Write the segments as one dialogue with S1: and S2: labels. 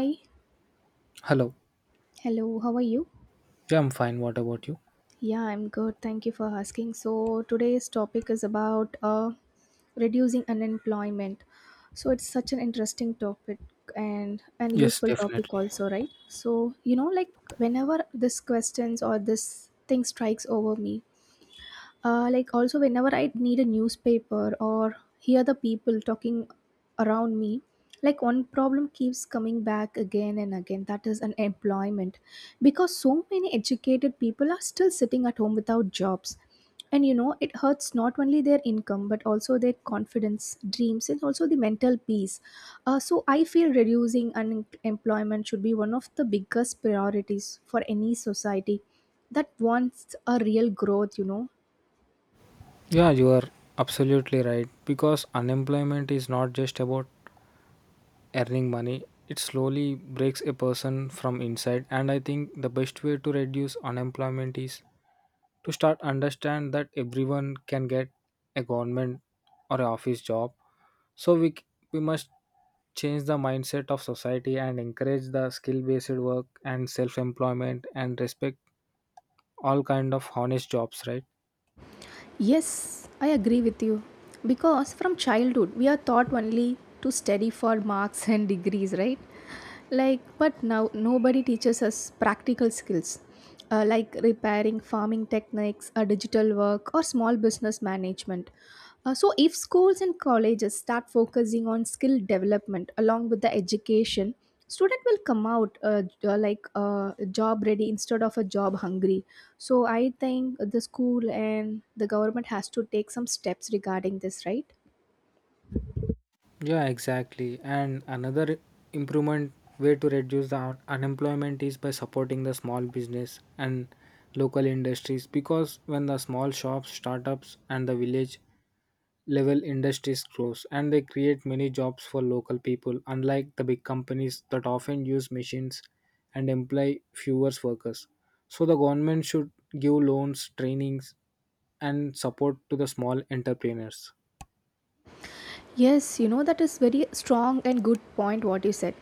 S1: Hi,
S2: Hello.
S1: hello, how are you?
S2: Yeah, I'm fine. What about you?
S1: Yeah, I'm good. Thank you for asking. So, today's topic is about reducing unemployment. So, it's such an interesting topic and an
S2: Yes,
S1: useful topic,
S2: definitely.
S1: also, right? So, you know, like whenever this questions or this thing strikes over me, like also whenever I need a newspaper or hear the people talking around me, like one problem keeps coming back again and again, that is unemployment, because so many educated people are still sitting at home without jobs. And you know, it hurts not only their income but also their confidence, dreams, and also the mental peace. So I feel reducing unemployment should be one of the biggest priorities for any society that wants a real growth, you know.
S2: Yeah, you are absolutely right because unemployment is not just about earning money. It slowly breaks a person from inside, and I think the best way to reduce unemployment is to start understand that everyone can get a government or a office job. So we must change the mindset of society and encourage the skill based work and self employment, and respect all kind of honest jobs, right?
S1: Yes, I agree with you. Because from childhood, we are taught only to study for marks and degrees, right? Like, but now nobody teaches us practical skills, like repairing, farming techniques, digital work, or small business management. So if schools and colleges start focusing on skill development along with the education, student will come out job ready instead of a job hungry. So I think the school and the government has to take some steps regarding this, right?
S2: Yeah, exactly. And another improvement way to reduce the unemployment is by supporting the small business and local industries, because when the small shops, startups and the village level industries grows, and they create many jobs for local people, unlike the big companies that often use machines and employ fewer workers. So the government should give loans, trainings and support to the small entrepreneurs.
S1: Yes, you know, that is very strong and good point what you said.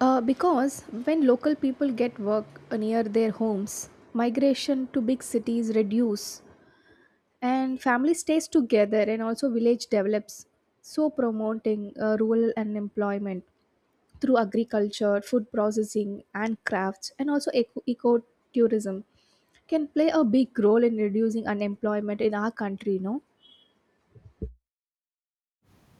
S1: Because when local people get work near their homes, migration to big cities reduce, and family stays together and also village develops. So promoting rural employment through agriculture, food processing and crafts and also ecotourism can play a big role in reducing unemployment in our country, no?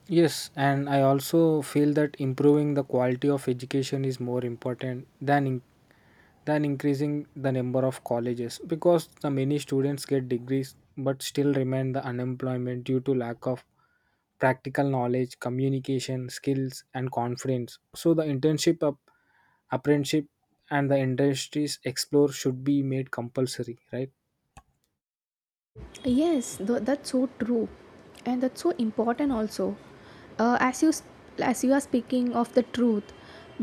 S2: Yes, and I also feel that improving the quality of education is more important than than increasing the number of colleges, because the many students get degrees but still remain the unemployment due to lack of practical knowledge, communication skills, and confidence. So the internship, apprenticeship, and the industries explore should be made compulsory, right?
S1: Yes, that's so true, and that's so important also. Uh, as you s- as you are speaking of the truth,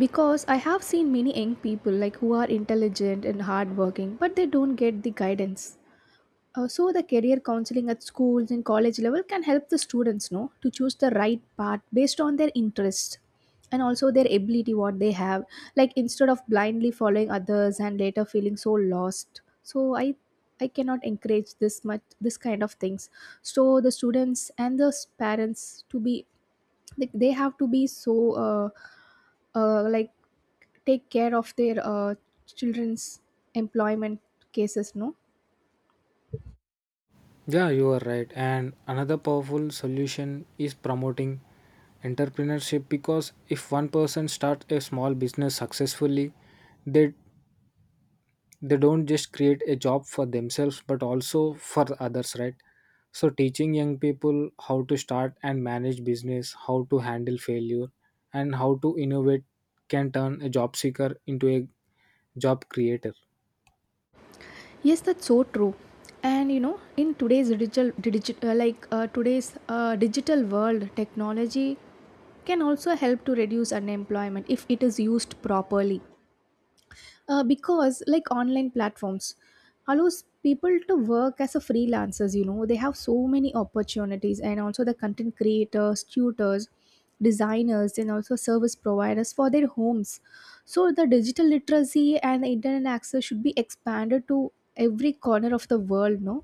S1: because I have seen many young people, like, who are intelligent and hardworking, but they don't get the guidance. So the career counseling at schools and college level can help the students know to choose the right path based on their interests and also their ability what they have, like instead of blindly following others and later feeling so lost. So I cannot encourage this much this kind of things. So the students and the parents to be, like, they have to be so uh, uh like take care of their children's employment cases, no?
S2: Yeah, you are right. And another powerful solution is promoting entrepreneurship, because if one person starts a small business successfully, they they don't just create a job for themselves but also for others, right? So teaching young people how to start and manage business, how to handle failure, and how to innovate can turn a job seeker into a job creator.
S1: Yes, that's so true. And you know, in today's digital digital like today's digital world, technology can also help to reduce unemployment if it is used properly. Because like online platforms allows people to work as a freelancers, you know, they have so many opportunities, and also the content creators, tutors, designers, and also service providers for their homes. So the digital literacy and internet access should be expanded to every corner of the world, no?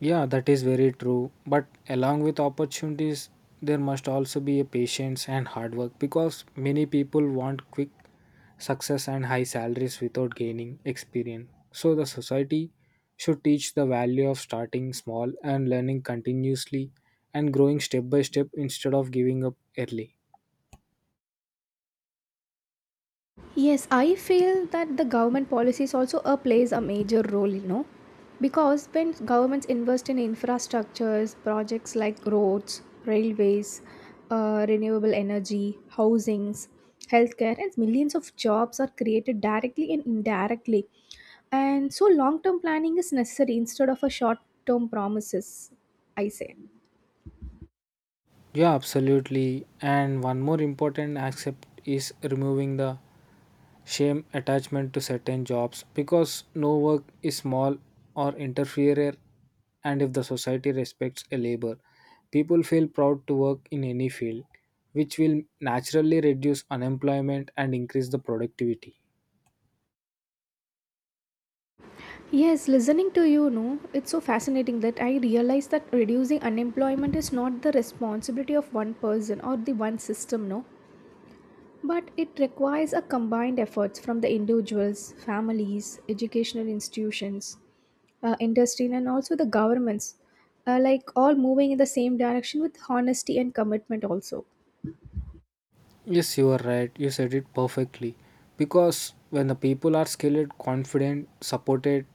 S2: Yeah, that is very true. But along with opportunities, there must also be a patience and hard work, because many people want quick success and high salaries without gaining experience. So the society should teach the value of starting small and learning continuously and growing step by step instead of giving up early.
S1: Yes, I feel that the government policies also plays a major role, you know, because when governments invest in infrastructures, projects like roads, railways, renewable energy, housings, healthcare, and millions of jobs are created directly and indirectly. And so long-term planning is necessary instead of a short-term promises, I say.
S2: Yeah, absolutely. And one more important aspect is removing the shame attachment to certain jobs, because no work is small or inferior, and if the society respects a labor, people feel proud to work in any field, which will naturally reduce unemployment and increase the productivity.
S1: Yes, listening to you, no, it's so fascinating that I realize that reducing unemployment is not the responsibility of one person or the one system, no, but it requires a combined efforts from the individuals, families, educational institutions, industry, and also the governments, like all moving in the same direction with honesty and commitment also.
S2: Yes, you are right. You said it perfectly. Because when the people are skilled, confident, supported,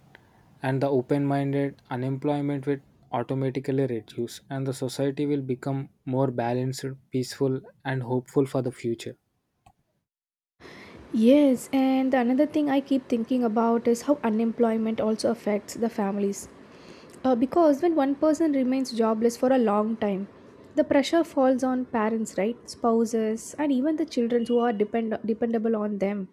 S2: and the open minded, unemployment will automatically reduce, and the society will become more balanced, peaceful, and hopeful for the future.
S1: Yes, and another thing I keep thinking about is how unemployment also affects the families. Because when one person remains jobless for a long time, the pressure falls on parents, right? Spouses, and even the children who are dependable on them.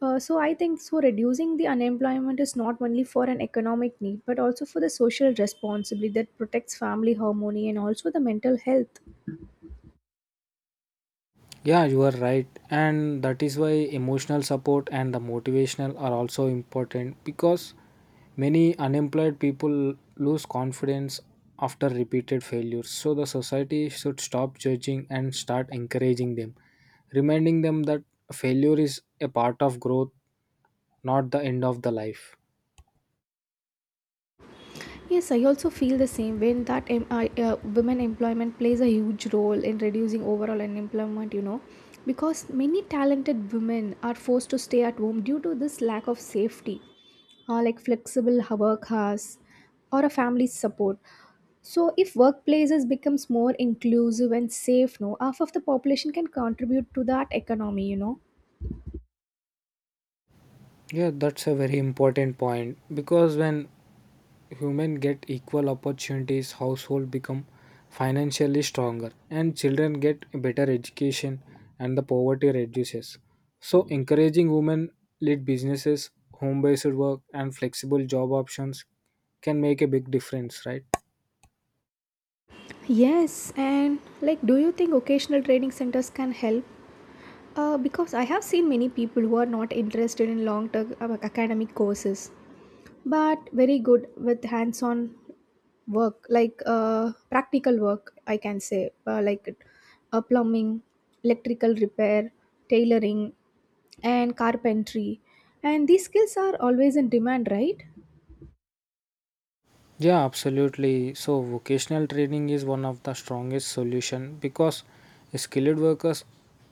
S1: So I think so reducing the unemployment is not only for an economic need but also for the social responsibility that protects family harmony and also the mental health.
S2: Yeah, you are right. And that is why emotional support and the motivational are also important, because many unemployed people lose confidence after repeated failures. So the society should stop judging and start encouraging them, reminding them that failure is a part of growth, not the end of the life.
S1: Yes, I also feel the same way in that women employment plays a huge role in reducing overall unemployment, you know, because many talented women are forced to stay at home due to this lack of safety, like flexible work hours or a family support. So, if workplaces becomes more inclusive and safe, no, half of the population can contribute to that economy, you know.
S2: Yeah, that's a very important point, because when human get equal opportunities, household become financially stronger, and children get better education, and the poverty reduces. So encouraging women led businesses, home based work and flexible job options can make a big difference, right?
S1: Yes, and like, do you think occasional training centers can help? Because I have seen many people who are not interested in long term academic courses, but very good with hands on work, like practical work, I can say, plumbing, electrical repair, tailoring, and carpentry. And these skills are always in demand, right?
S2: Yeah, absolutely. So vocational training is one of the strongest solution, because skilled workers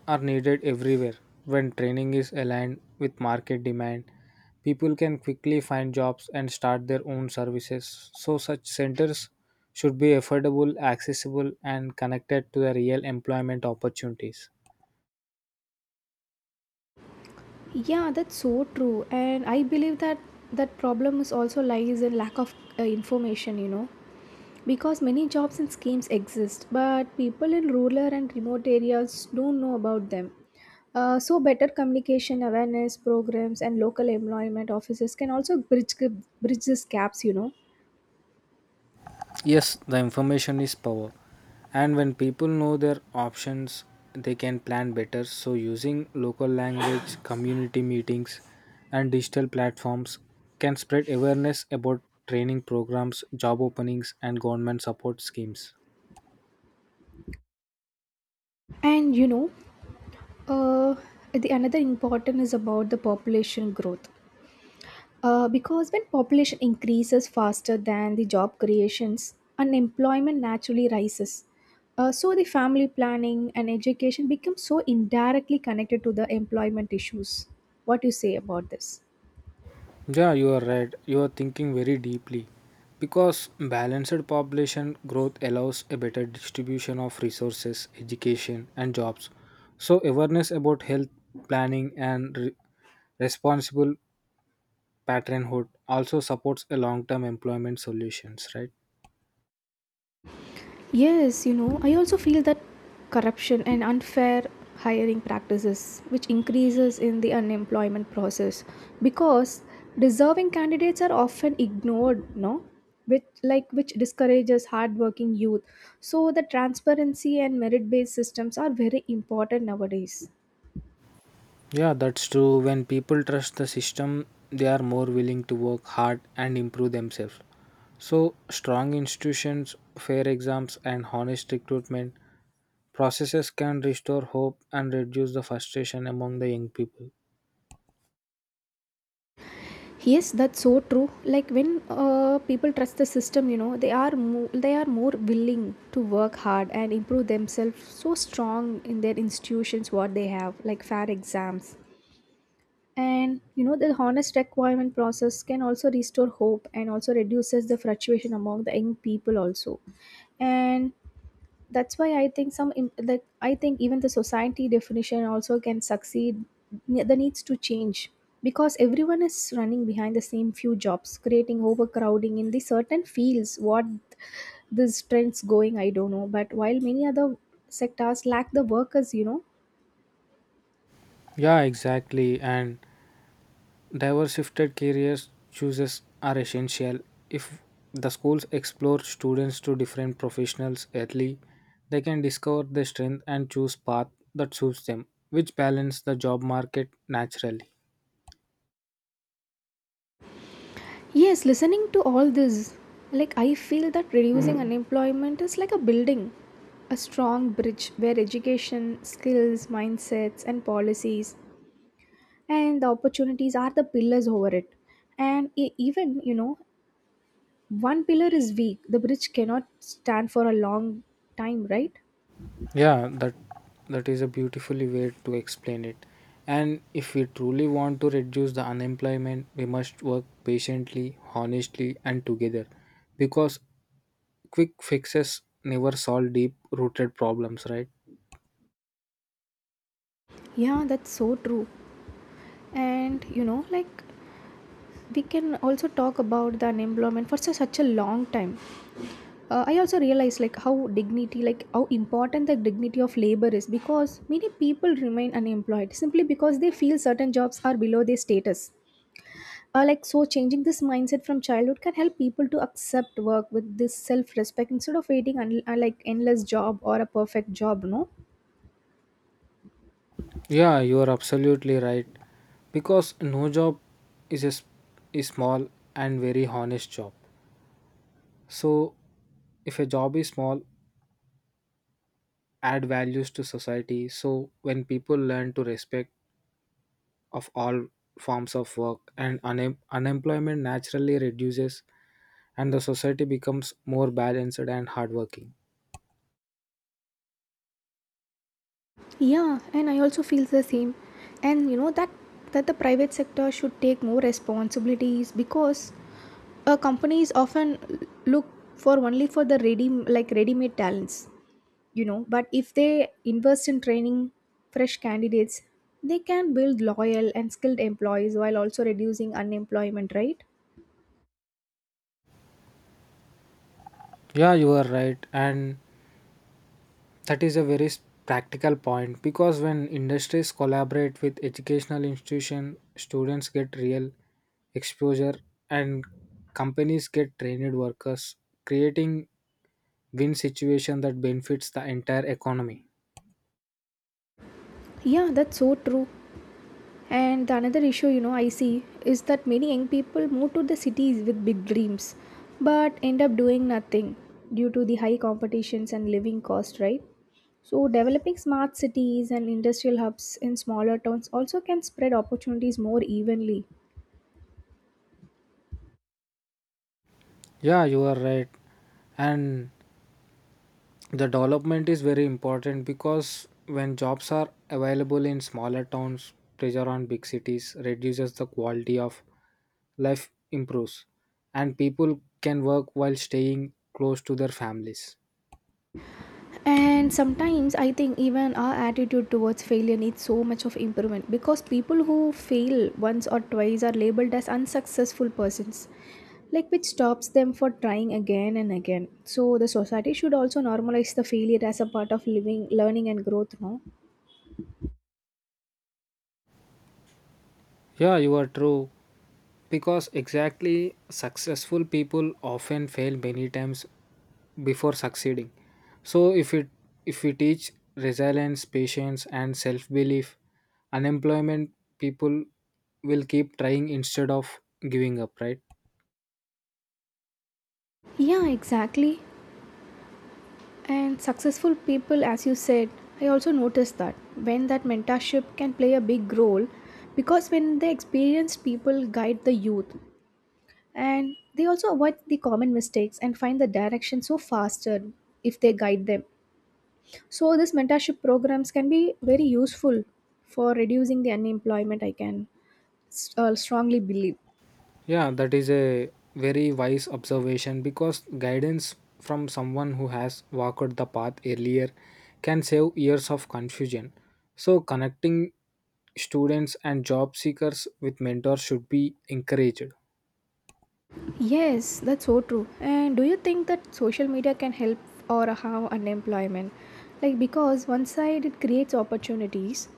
S2: are needed everywhere. When training is aligned with market demand, people can quickly find jobs and start their own services. So such centers should be affordable, accessible and connected to the real employment opportunities.
S1: Yeah, that's so true. And I believe that that problem is also lies in lack of information, you know. Because many jobs and schemes exist, but people in rural and remote areas don't know about them. So, better communication, awareness programs, and local employment offices can also bridge these gaps, you know.
S2: Yes, the information is power. And when people know their options, they can plan better. So, using local language, community meetings, and digital platforms can spread awareness about training programs, job openings, and government support schemes.
S1: And you know, uh, the another important is about the population growth. Because when population increases faster than the job creations, unemployment naturally rises. So the family planning and education become so indirectly connected to the employment issues. What do you say about this?
S2: Yeah, you are right. You are thinking very deeply, because balanced population growth allows a better distribution of resources, education, and jobs. So, awareness about health planning and responsible parenthood also supports a long term employment solutions, right?
S1: Yes, you know, I also feel that corruption and unfair hiring practices which increases in the unemployment process, because deserving candidates are often ignored, no? Which like which discourages hardworking youth. So the transparency and merit based systems are very important nowadays.
S2: Yeah, that's true. When people trust the system, they are more willing to work hard and improve themselves. So, strong institutions, fair exams, and honest recruitment processes can restore hope and reduce the frustration among the young people.
S1: Yes, that's so true. Like when people trust the system, you know, they are more willing to work hard and improve themselves. So strong in their institutions, what they have, like fair exams, and you know, the honest requirement process can also restore hope and also reduces the fluctuation among the young people also. And that's why I think some in, like I think even the society definition also can succeed, the needs to change, because everyone is running behind the same few jobs, creating overcrowding in the certain fields. What this trends going, I don't know, but while many other sectors lack the workers, you know.
S2: Yeah, exactly. And diversified careers choices are essential. If the schools explore students to different professionals early, they can discover their strength and choose path that suits them, which balance the job market naturally.
S1: Yes, listening to all this, like I feel that reducing unemployment is like a building a strong bridge where education, skills, mindsets and policies and the opportunities are the pillars over it. And even you know one pillar is weak, the bridge cannot stand for a long time, right?
S2: Yeah, that is a beautifully way to explain it. And if we truly want to reduce the unemployment, we must work patiently, honestly, and together, because quick fixes never solve deep-rooted problems, right?
S1: Yeah, that's so true. And you know, like we can also talk about the unemployment for such a long time. I also realize like how dignity, like how important the dignity of labor is, because many people remain unemployed simply because they feel certain jobs are below their status. Like, so changing this mindset from childhood can help people to accept work with this self-respect instead of waiting like endless job or a perfect job, no?
S2: Yeah, you are absolutely right, because no job is a, s- is small and very honest job. So, if a job is small, add values to society. So, when people learn to respect of all forms of work, and unemployment naturally reduces, and the society becomes more balanced and hardworking.
S1: Yeah, and I also feel the same. And you know that that the private sector should take more responsibilities, because companies often look for only for the ready-made talents, you know. But if they invest in training fresh candidates, they can build loyal and skilled employees while also reducing unemployment, right?
S2: Yeah, you are right, and that is a very practical point, because when industries collaborate with educational institution, students get real exposure, and companies get trained workers, creating win situation that benefits the entire economy.
S1: Yeah, that's so true. And the another issue, you know, I see is that many young people move to the cities with big dreams but end up doing nothing due to the high competitions and living cost, right? So, developing smart cities and industrial hubs in smaller towns also can spread opportunities more evenly.
S2: Yeah, you are right, and the development is very important, because when jobs are available in smaller towns, pressure on big cities reduces, the quality of life improves, and people can work while staying close to their families.
S1: And sometimes I think even our attitude towards failure needs so much of improvement, because people who fail once or twice are labeled as unsuccessful persons, like which stops them for trying again and again. So the society should also normalize the failure as a part of living, learning, and growth, no.
S2: Yeah, you are true. Because exactly successful people often fail many times before succeeding. So if we teach resilience, patience and self-belief, unemployment people will keep trying instead of giving up, right?
S1: Yeah, exactly. And successful people, as you said, I also noticed that when that mentorship can play a big role, because when the experienced people guide the youth, and they also avoid the common mistakes and find the direction so faster if they guide them. So this mentorship programs can be very useful for reducing the unemployment, I can strongly believe.
S2: Yeah, that is a very wise observation, because guidance from someone who has walked the path earlier can save years of confusion. So, connecting students and job seekers with mentors should be encouraged.
S1: Yes, that's so true. And do you think that social media can help or harm unemployment, like because one side it creates opportunities,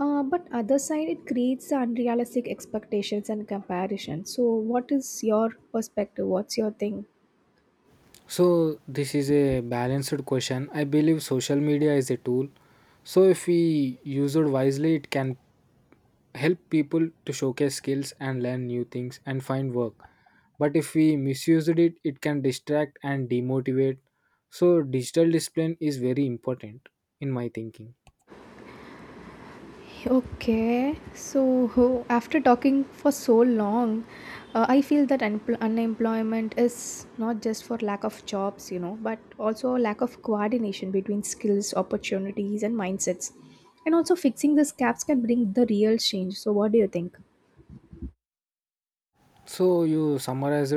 S1: but other side it creates the unrealistic expectations and comparison. So what is your perspective, what's your thing?
S2: So, this is a balanced question. I believe social media is a tool. So, if we use it wisely, it can help people to showcase skills and learn new things and find work, but if we misused it, it can distract and demotivate. So digital discipline is very important, in my thinking.
S1: Okay, so after talking for so long, I feel that unemployment is not just for lack of jobs, you know, but also lack of coordination between skills, opportunities, and mindsets. And also, fixing these gaps can bring the real change. So, what do you think?
S2: So you summarized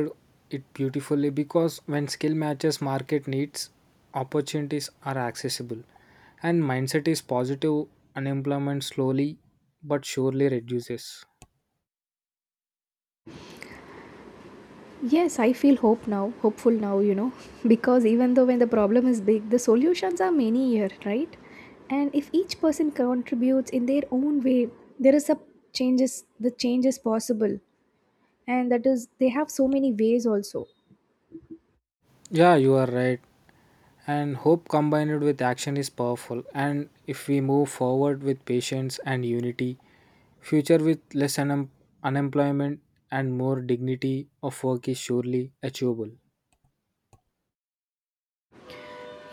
S2: it beautifully, because when skill matches market needs, opportunities are accessible, and mindset is positive, unemployment slowly but surely reduces.
S1: Yes, I feel hope now, hopeful now, you know, because even though when the problem is big, the solutions are many here, right? And if each person contributes in their own way, there is a change is possible. And that is they have so many ways also.
S2: Yeah, you are right, and hope combined with action is powerful, and if we move forward with patience and unity, future with less unemployment and more dignity of work is surely achievable.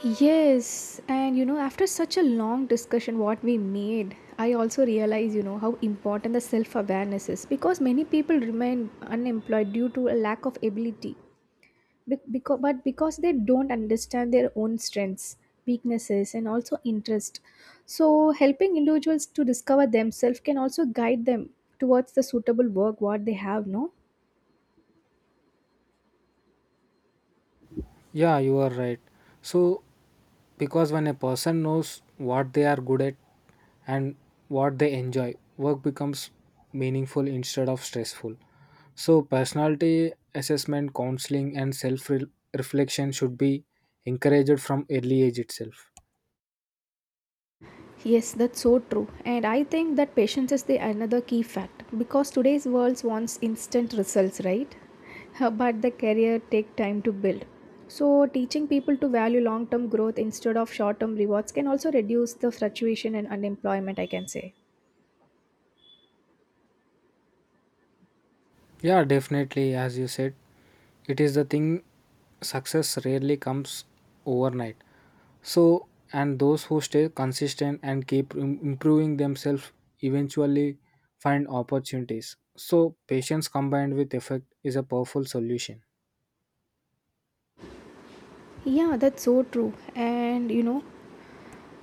S1: Yes, and you know, after such a long discussion, what we made, I also realize, you know, how important the self awareness is because many people remain unemployed due to a lack of ability but because they don't understand their own strengths, weaknesses, and also interest, so helping individuals to discover themselves can also guide them towards the suitable work what they have no.
S2: Yeah, you are right. So because when a person knows what they are good at and what they enjoy, work becomes meaningful instead of stressful. So personality assessment, counseling and self reflection should be encouraged from early age itself.
S1: Yes, that's so true, and I think that patience is the another key fact because today's world wants instant results, right? But the career take time to build, so teaching people to value long term growth instead of short term rewards can also reduce the fluctuation and unemployment, I can say.
S2: Yeah, definitely. As you said, it is the thing, success rarely comes overnight. So, and those who stay consistent and keep improving themselves eventually find opportunities. So, patience combined with effort is a powerful solution.
S1: Yeah, that's so true. And you know,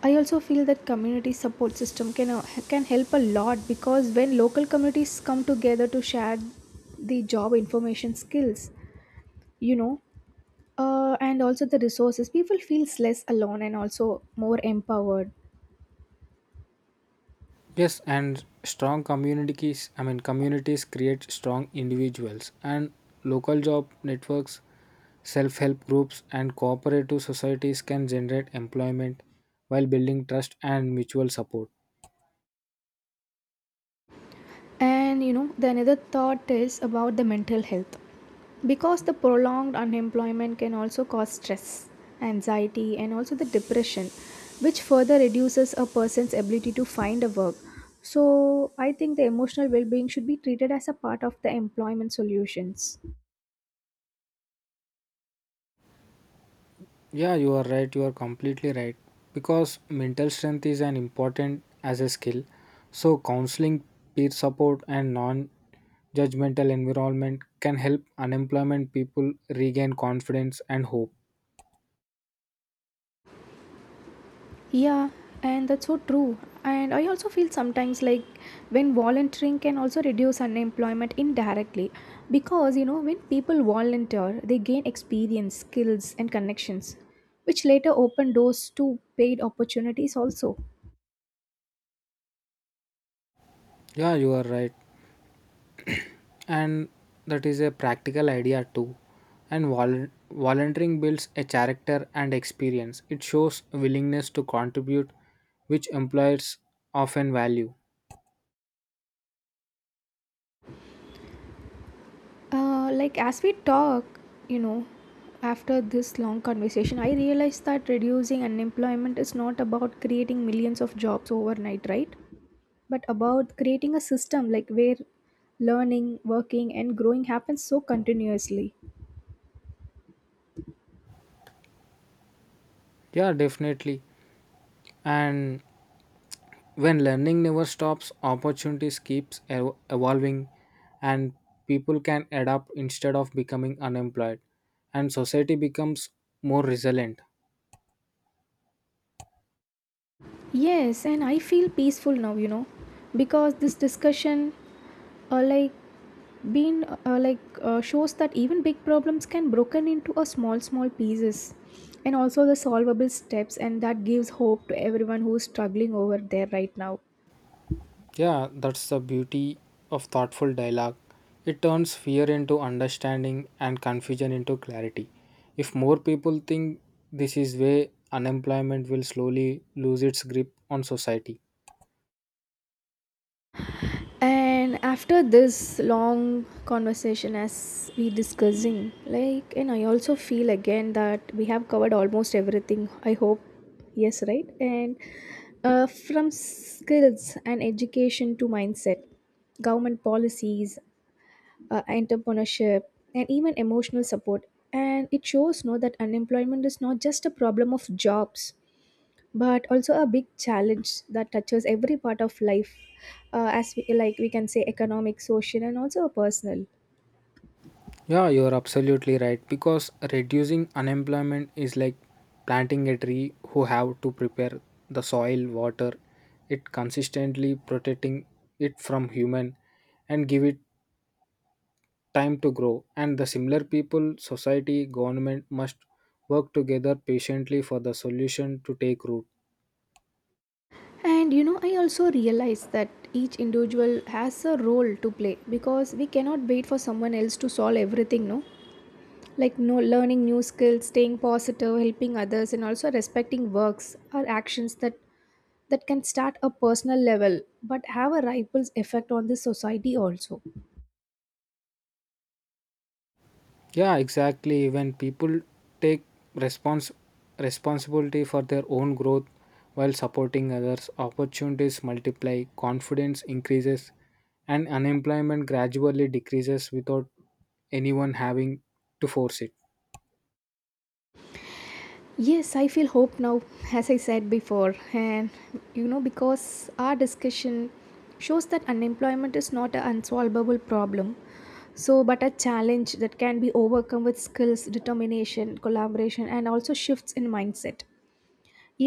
S1: I also feel that community support system can help a lot because when local communities come together to share the job information, skills, you know, and also the resources, people feels less alone and also more empowered.
S2: Yes, and strong communities, communities create strong individuals, and local job networks, self help groups, and cooperative societies can generate employment while building trust and mutual support.
S1: And you know, the another thought is about the mental health. Because the prolonged unemployment can also cause stress, anxiety, and also the depression, which further reduces a person's ability to find a work. So, I think the emotional well being should be treated as a part of the employment solutions.
S2: Yeah, you are right, you are completely right. Because mental strength is an important as a skill, so counseling, peer support, and non judgmental environment can help unemployment people regain confidence and hope.
S1: Yeah, and that's so true. And I also feel sometimes like when volunteering can also reduce unemployment indirectly because you know when people volunteer, they gain experience, skills, and connections, which later open doors to paid opportunities also.
S2: Yeah, you are right. And that is a practical idea too. And volunteering builds a character and experience, it shows willingness to contribute, which employers often value.
S1: Like as we talk, you know, after this long conversation, I realized that reducing unemployment is not about creating millions of jobs overnight, right? But about creating a system like where learning, working, and growing happens so continuously.
S2: Yeah, definitely. And when learning never stops, opportunities keeps evolving, and people can adapt instead of becoming unemployed, and society becomes more resilient.
S1: Yes, and I feel peaceful now, you know, because this discussion, uh, like been shows that even big problems can broken into a small pieces and also the solvable steps, and that gives hope to everyone who is struggling over there right now.
S2: Yeah, that's the beauty of thoughtful dialogue. It turns fear into understanding and confusion into clarity. If more people think this is way, unemployment will slowly lose its grip on society.
S1: And after this long conversation, as we discussing like, and I also feel again that we have covered almost everything, I hope. Yes, right, and from skills and education to mindset, government policies, entrepreneurship, and even emotional support. And it shows no, that unemployment is not just a problem of jobs, but also a big challenge that touches every part of life, as we, like we can say, economic, social, and also personal.
S2: Yeah, you're absolutely right, because reducing unemployment is like planting a tree, who have to prepare the soil, water it consistently, protecting it from human and give it time to grow. And the similar people, society, government must work together patiently for the solution to take root.
S1: And you know, I also realize that each individual has a role to play because we cannot wait for someone else to solve everything, no? Like no, learning new skills, staying positive, helping others, and also respecting works are actions that can start a personal level but have a ripple effect on the society also.
S2: Yeah, exactly. When people take respons- responsibility for their own growth while supporting others, opportunities multiply, confidence increases, and unemployment gradually decreases without anyone having to force it.
S1: Yes, I feel hope now, as I said before, and you know, because our discussion shows that unemployment is not an unsolvable problem, so but a challenge that can be overcome with skills, determination, collaboration, and also shifts in mindset.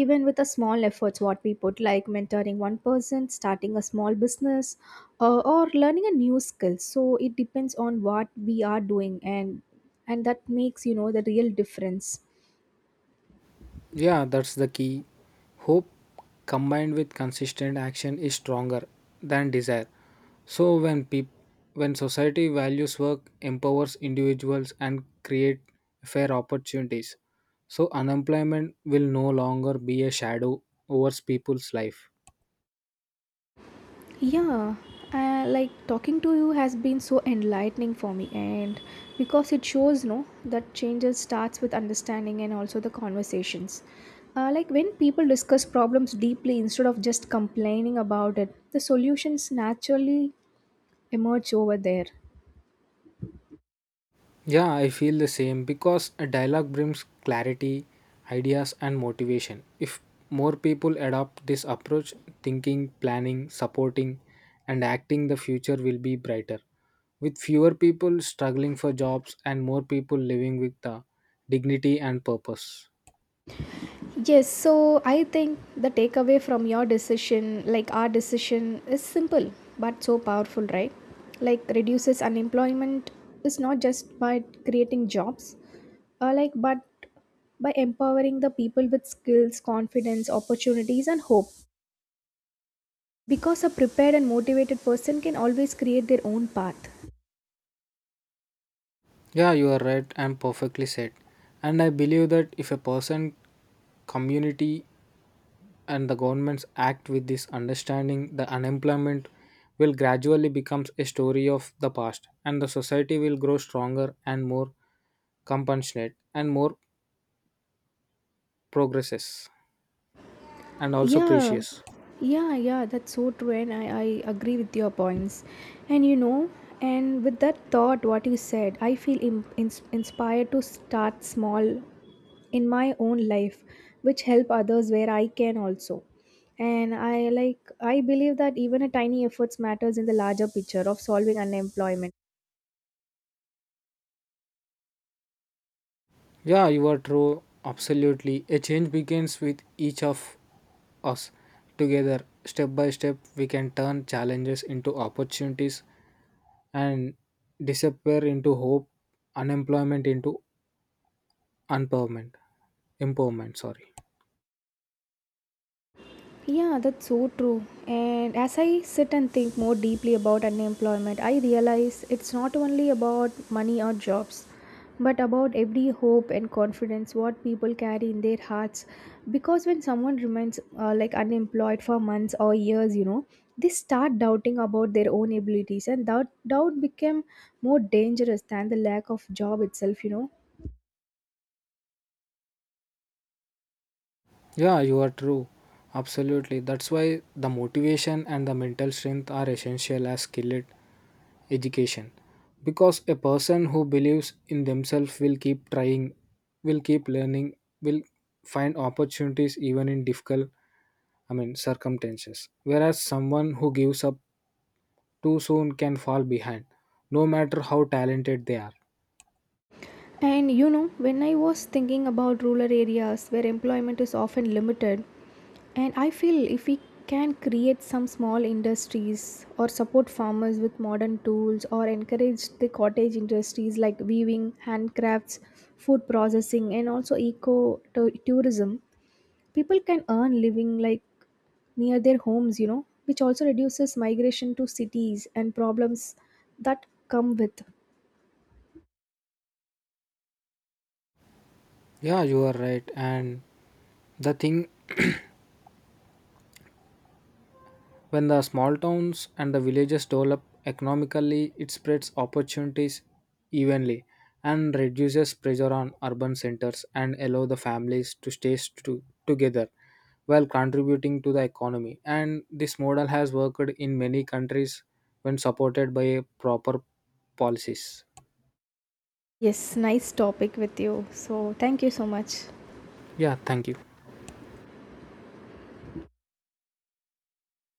S1: Even with a small efforts, what we put, like mentoring one person, starting a small business, or learning a new skill. So it depends on what we are doing, and that makes, you know, the real difference.
S2: Yeah, that's the key. Hope combined with consistent action is stronger than desire. So when society values work, empowers individuals and create fair opportunities. So unemployment will no longer be a shadow over people's life.
S1: Yeah, talking to you has been so enlightening for me, and because it shows no that changes starts with understanding and also the conversations. Like when people discuss problems deeply instead of just complaining about it, the solutions naturally emerge over there?
S2: Yeah, I feel the same, because a dialogue brings clarity, ideas, and motivation. If more people adopt this approach, thinking, planning, supporting, and acting, the future will be brighter. With fewer people struggling for jobs and more people living with the dignity and purpose.
S1: Yes, so I think the takeaway from your decision, like our decision, is simple but so powerful, right? Like reduces unemployment is not just by creating jobs, but by empowering the people with skills, confidence, opportunities, and hope. Because a prepared and motivated person can always create their own path.
S2: Yeah, you are right and perfectly said. And I believe that if a person, community, and the governments act with this understanding, the unemployment will gradually becomes a story of the past, and the society will grow stronger and more compassionate and more progresses and also
S1: Yeah,
S2: precious.
S1: yeah, yeah, that's so true, and I agree with your points. And you know, and with that thought, what you said, I feel im ins inspired to start small in my own life, which help others where I can also. And I like, I believe that even a tiny efforts matters in the larger picture of solving unemployment.
S2: Yeah, you are true. Absolutely. A change begins with each of us. Together, step by step, we can turn challenges into opportunities, and disappear into hope, unemployment into empowerment. Empowerment, sorry.
S1: Yeah, that's so true. And as I sit and think more deeply about unemployment, I realize it's not only about money or jobs, but about every hope and confidence what people carry in their hearts. Because when someone remains unemployed for months or years, you know, they start doubting about their own abilities, and that doubt became more dangerous than the lack of job itself, you know.
S2: Yeah, you are true. Absolutely. That's why the motivation and the mental strength are essential as skilled education. Because a person who believes in themselves will keep trying, will keep learning, will find opportunities even in difficult, circumstances. Whereas someone who gives up too soon can fall behind, no matter how talented they are.
S1: And you know, when I was thinking about rural areas where employment is often limited, and I feel if we can create some small industries or support farmers with modern tools or encourage the cottage industries like weaving, handcrafts, food processing, and also tourism, people can earn living like near their homes, you know, which also reduces migration to cities and problems that come with.
S2: Yeah, you are right. And the thing, when the small towns and the villages develop economically, it spreads opportunities evenly and reduces pressure on urban centers, and allow the families to stay together while contributing to the economy. And this model has worked in many countries when supported by proper policies.
S1: Yes, nice topic with you. So, thank you so much.
S2: Yeah, thank you.